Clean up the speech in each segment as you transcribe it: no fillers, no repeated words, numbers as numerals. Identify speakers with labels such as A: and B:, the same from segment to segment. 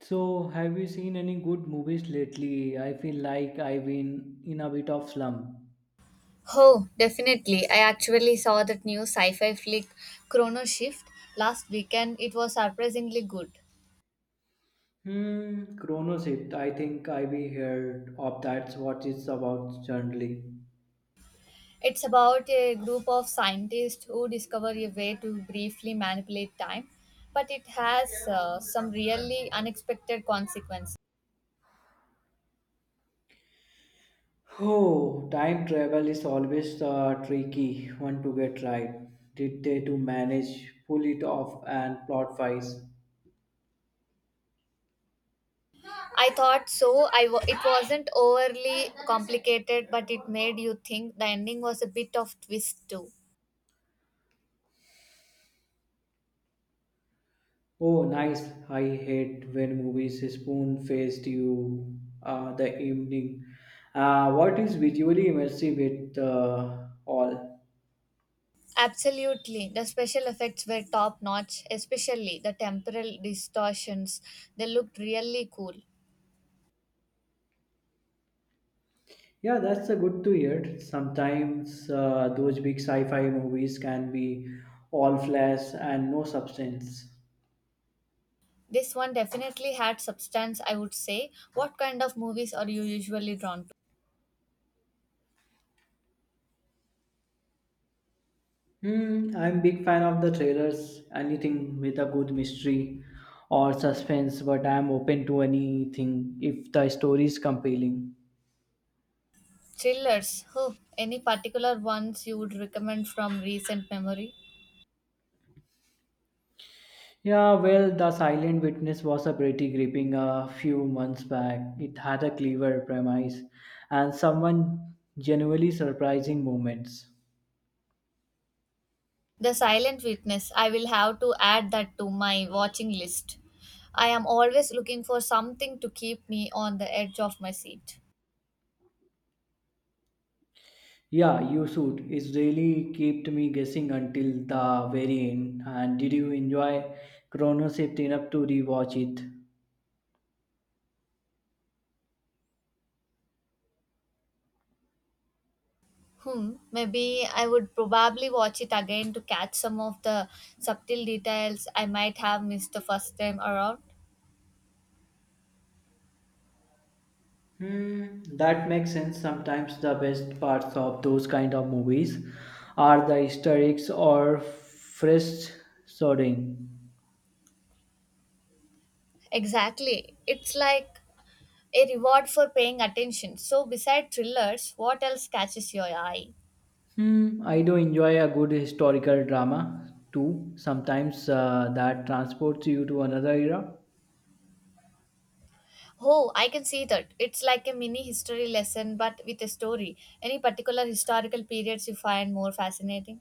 A: So, have you seen any good movies lately? I feel like I've been in a bit of slump.
B: Oh, definitely. I actually saw that new sci fi flick Chrono Shift last weekend. It was surprisingly good.
A: Chrono Shift. I think I've heard of that's what it's about generally.
B: It's about a group of scientists who discover a way to briefly manipulate time, but it has some really unexpected consequences.
A: Oh, time travel is always a tricky one to get right. Did they to manage pull it off and plot wise?
B: I thought so. It wasn't overly complicated, but it made you think. The ending was a bit of twist too.
A: Oh, nice. I hate when movies spoon faced you the evening. What is visually immersive with all?
B: Absolutely. The special effects were top notch, especially the temporal distortions. They looked really cool.
A: Yeah, that's a good to hear. Sometimes those big sci fi movies can be all flash and no substance.
B: This one definitely had substance, I would say. What kind of movies are you usually drawn to?
A: I'm big fan of the trailers, anything with a good mystery or suspense, but I'm open to anything if the story is compelling.
B: Thrillers. Huh. Any particular ones you would recommend from recent memory?
A: Yeah, well, The Silent Witness was a pretty gripping a few months back. It had a clever premise and someone genuinely surprising moments.
B: The Silent Witness. I will have to add that to my watching list. I am always looking for something to keep me on the edge of my seat.
A: Yeah, you should. It really kept me guessing until the very end. And did you enjoy Chrono Shift enough to rewatch it?
B: Hmm, maybe I would probably watch it again to catch some of the subtle details I might have missed the first time around.
A: That makes sense. Sometimes the best parts of those kind of movies are the Easter eggs or fresh sorting.
B: Exactly. It's like a reward for paying attention. So, beside thrillers, what else catches your eye?
A: I do enjoy a good historical drama too. Sometimes that transports you to another era.
B: Oh, I can see that. It's like a mini history lesson but with a story. Any particular historical periods you find more fascinating?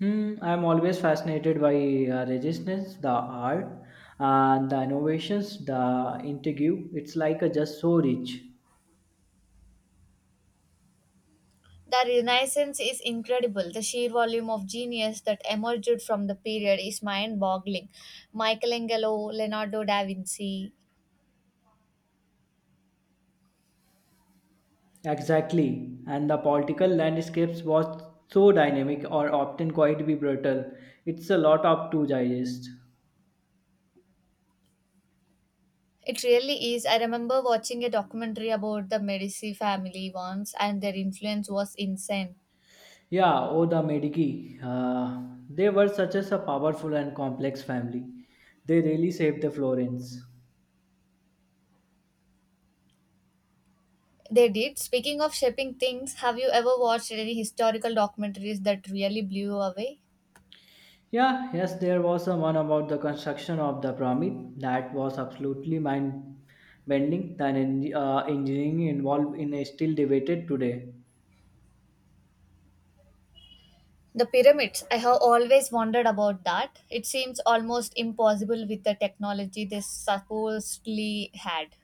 A: I'm always fascinated by resistance, the art, and the innovations, the intrigue. It's like a just so rich.
B: The Renaissance is incredible. The sheer volume of genius that emerged from the period is mind boggling. Michelangelo, Leonardo da Vinci.
A: Exactly. And the political landscapes was so dynamic or often quite be brutal. It's a lot up to digest.
B: It really is. I remember watching a documentary about the Medici family once, and their influence was insane.
A: Yeah, oh, the Medici. They were such as a powerful and complex family. They really saved the Florence.
B: They did. Speaking of shaping things, have you ever watched any historical documentaries that really blew you away?
A: Yeah, yes, there was a one about the construction of the pyramid that was absolutely mind bending. The engineering involved in is still debated today.
B: The pyramids. I have always wondered about that. It seems almost impossible with the technology they supposedly had.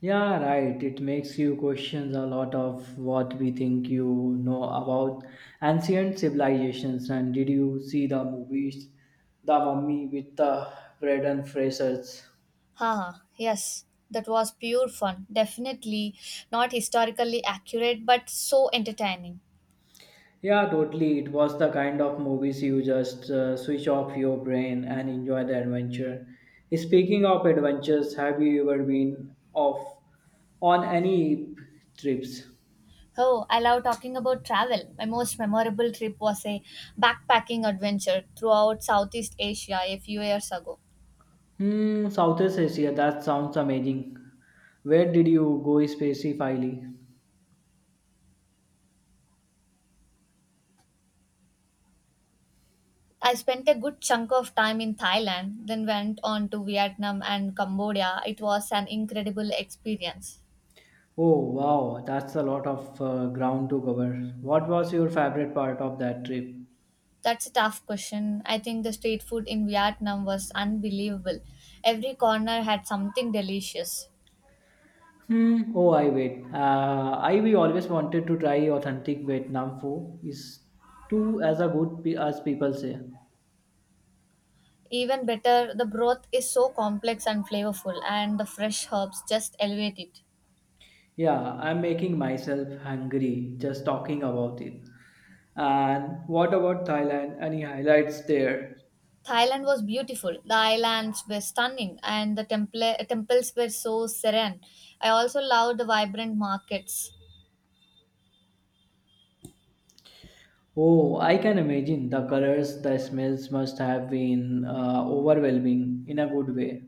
A: Yeah, right. It makes you question a lot of what we think you know about ancient civilizations. And did you see the movies, The Mummy with the Brendan Fraser's?
B: Haha, yes, that was pure fun. Definitely not historically accurate, but so entertaining.
A: Yeah, totally. It was the kind of movies you just switch off your brain and enjoy the adventure. Speaking of adventures, have you ever been off on any trips?
B: Oh, I love talking about travel. My most memorable trip was a backpacking adventure throughout Southeast Asia a few years ago.
A: Southeast Asia, that sounds amazing. Where did you go specifically?
B: I spent a good chunk of time in Thailand, then went on to Vietnam and Cambodia. It was an incredible experience.
A: Oh, wow, that's a lot of ground to cover. What was your favorite part of that trip?
B: That's a tough question. I think the street food in Vietnam was unbelievable. Every corner had something delicious.
A: Hmm. Oh, I wait. I we always wanted to try authentic Vietnam food. Is too as a good as people say.
B: Even better, the broth is so complex and flavorful, and the fresh herbs just elevate it.
A: Yeah, I'm making myself hungry just talking about it. And what about Thailand? Any highlights there?
B: Thailand was beautiful. The islands were stunning, and temples were so serene. I also loved the vibrant markets.
A: Oh, I can imagine the colors, the smells must have been overwhelming in a good way.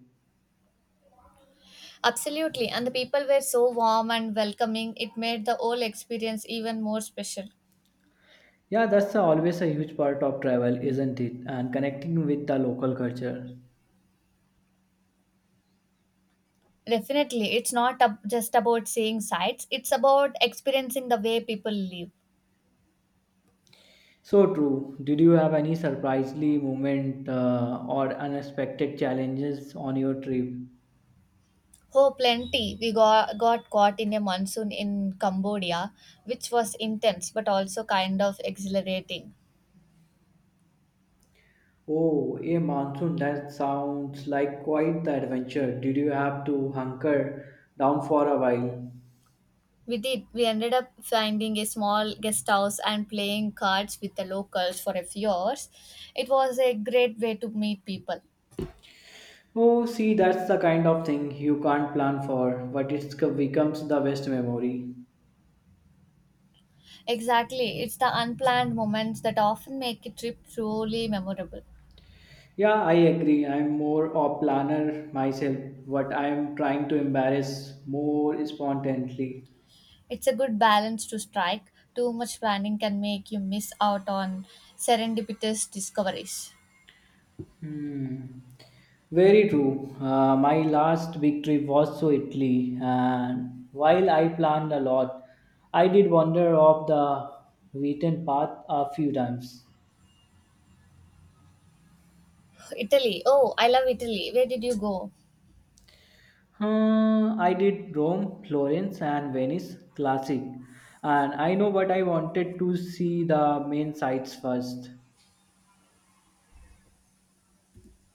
B: Absolutely, and the people were so warm and welcoming. It made the whole experience even more special.
A: Yeah, that's always a huge part of travel, isn't it? And connecting with the local culture.
B: Definitely, it's not ab- just about seeing sights, it's about experiencing the way people live.
A: So true. Did you have any surprisingly moment or unexpected challenges on your trip?
B: Oh, plenty. Got caught in a monsoon in Cambodia, which was intense but also kind of exhilarating.
A: Oh, a monsoon. That sounds like quite the adventure. Did you have to hunker down for a while?
B: We did. We ended up finding a small guest house and playing cards with the locals for a few hours. It was a great way to meet people.
A: Oh, see, that's the kind of thing you can't plan for, but it becomes the best memory.
B: Exactly. It's the unplanned moments that often make a trip truly memorable.
A: Yeah, I agree. I'm more a planner myself, but I'm trying to embarrass more spontaneously.
B: It's a good balance to strike. Too much planning can make you miss out on serendipitous discoveries.
A: Hmm. Very true. My last big trip was to Italy, and while I planned a lot, I did wander off the beaten path a few times.
B: Italy. Oh, I love Italy. Where did you go?
A: I did Rome, Florence, and Venice, classic. And I know, but I wanted to see the main sites first.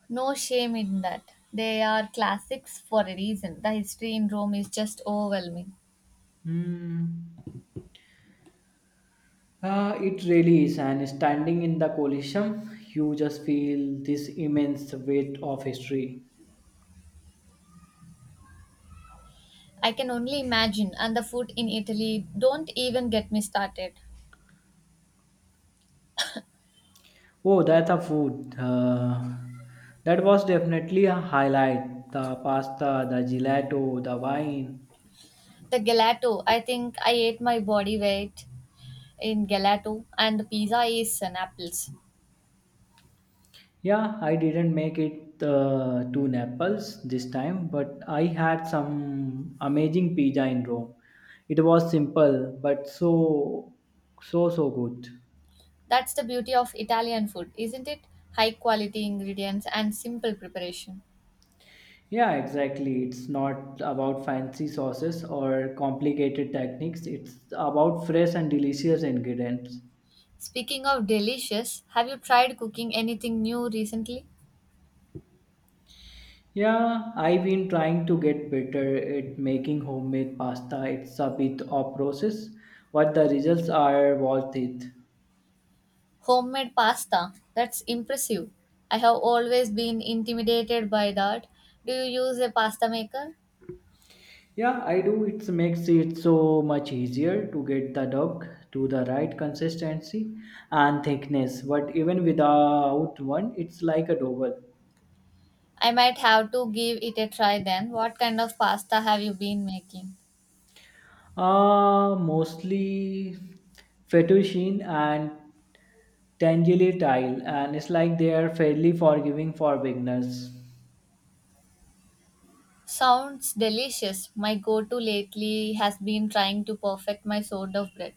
B: No shame in that. They are classics for a reason. The history in Rome is just overwhelming.
A: Hmm. It really is, and standing in the Colosseum, you just feel this immense weight of history.
B: I can only imagine, and the food in Italy, don't even get me started.
A: Oh, that's a food. That was definitely a highlight. The pasta, the gelato, the wine.
B: The gelato, I think I ate my body weight in gelato, and the pizza is an apples.
A: Yeah, I didn't make it to Naples this time, but I had some amazing pizza in Rome. It was simple, but so good.
B: That's the beauty of Italian food, isn't it? High quality ingredients and simple preparation.
A: Yeah, exactly. It's not about fancy sauces or complicated techniques. It's about fresh and delicious ingredients.
B: Speaking of delicious, have you tried cooking anything new recently?
A: Yeah, I've been trying to get better at making homemade pasta. It's a bit of process, but the results are worth it.
B: Homemade pasta. That's impressive. I have always been intimidated by that. Do you use a pasta maker?
A: Yeah, I do. It makes it so much easier to get the dough to the right consistency and thickness. But even without one, it's like a double.
B: I might have to give it a try then. What kind of pasta have you been making?
A: Mostly fettuccine and tangerine tile, and it's like they are fairly forgiving for beginners.
B: Sounds delicious. My go to lately has been trying to perfect my sort of bread.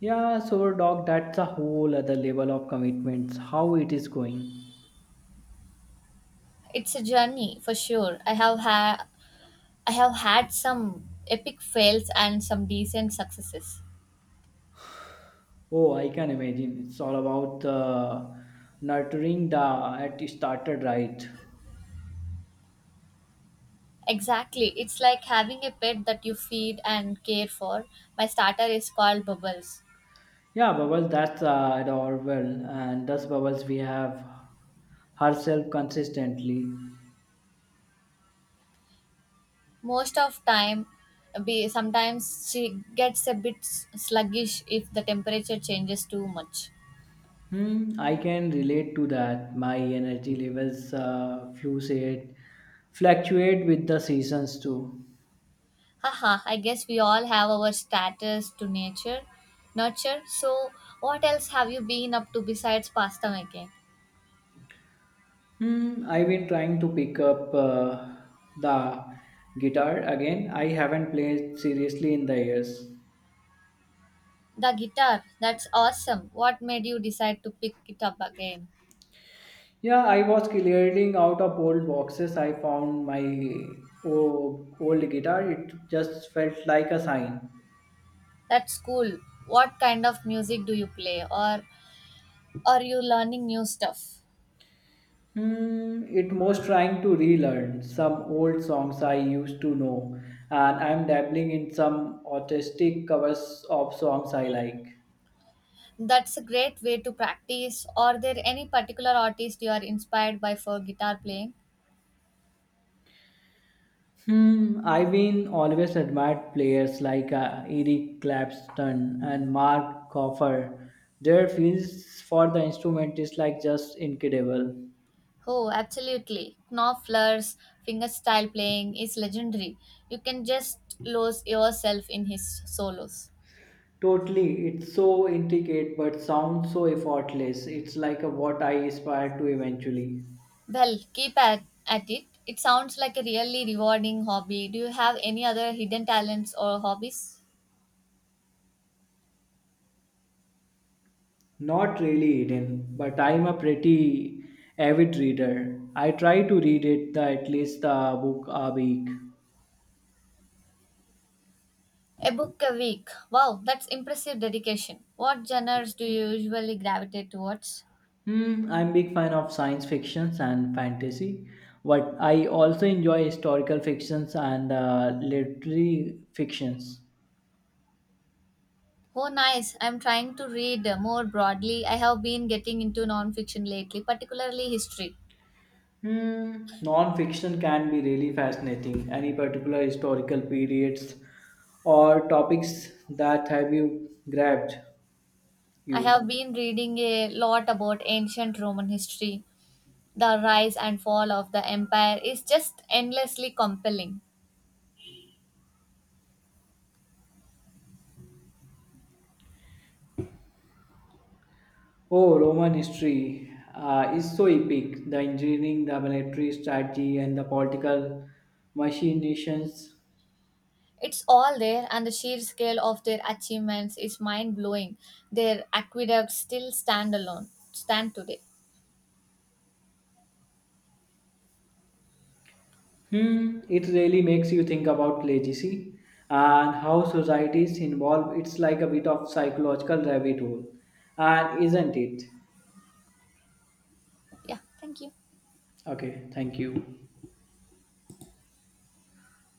A: Yeah, so dog, that's a whole other level of commitments. How it is going?
B: It's a journey for sure. I have had some epic fails and some decent successes.
A: Oh, I can imagine. It's all about the nurturing the at started right.
B: Exactly. It's like having a pet that you feed and care for. My starter is called Bubbles.
A: Yeah, Bubbles, that's adorable, and thus Bubbles, we have herself consistently.
B: Most of time be sometimes she gets a bit sluggish if the temperature changes too much.
A: I can relate to that. My energy levels fluctuate with the seasons too.
B: Haha, I guess we all have our status to nature nurture. So what else have you been up to besides pasta making?
A: I've been trying to pick up the guitar again. I haven't played seriously in the years.
B: The guitar, that's awesome. What made you decide to pick it up again?
A: Yeah, I was clearing out of old boxes. I found my old guitar. It just felt like a sign.
B: That's cool. What kind of music do you play or Are you learning new stuff?
A: It most trying to relearn some old songs I used to know, and I'm dabbling in some artistic covers of songs I like.
B: That's a great way to practice. Are there any particular artists you are inspired by for guitar playing?
A: I've been always admired players like Eric Clapton and Mark Coffer. Their feels for the instrument is like just incredible.
B: Oh, absolutely. Knopfler's fingerstyle playing is legendary. You can just lose yourself in his solos.
A: Totally, it's so intricate but sounds so effortless. It's like a, what I aspire to eventually.
B: Well, keep at it. It sounds like a really rewarding hobby. Do you have any other hidden talents or hobbies?
A: Not really Eden, but I'm a pretty avid reader. I try to read it the, at least the book a week.
B: A book a week. Wow, that's impressive dedication. What genres do you usually gravitate towards?
A: I'm big fan of science fictions and fantasy, but I also enjoy historical fictions and literary fictions.
B: Oh, nice. I'm trying to read more broadly. I have been getting into nonfiction lately, particularly history.
A: Non-fiction can be really fascinating. Any particular historical periods or topics that have you grabbed
B: I have
A: you?
B: been reading a lot about ancient Roman history. The rise and fall of the empire is just endlessly compelling.
A: Oh, Roman history is so epic. The engineering, the military strategy, and the political machinations.
B: It's all there, and the sheer scale of their achievements is mind blowing. Their aqueducts still stand alone, stand today.
A: It really makes you think about legacy and how societies involve. It's like a bit of psychological rabbit hole, and isn't it?
B: Yeah, thank you.
A: Okay, thank you.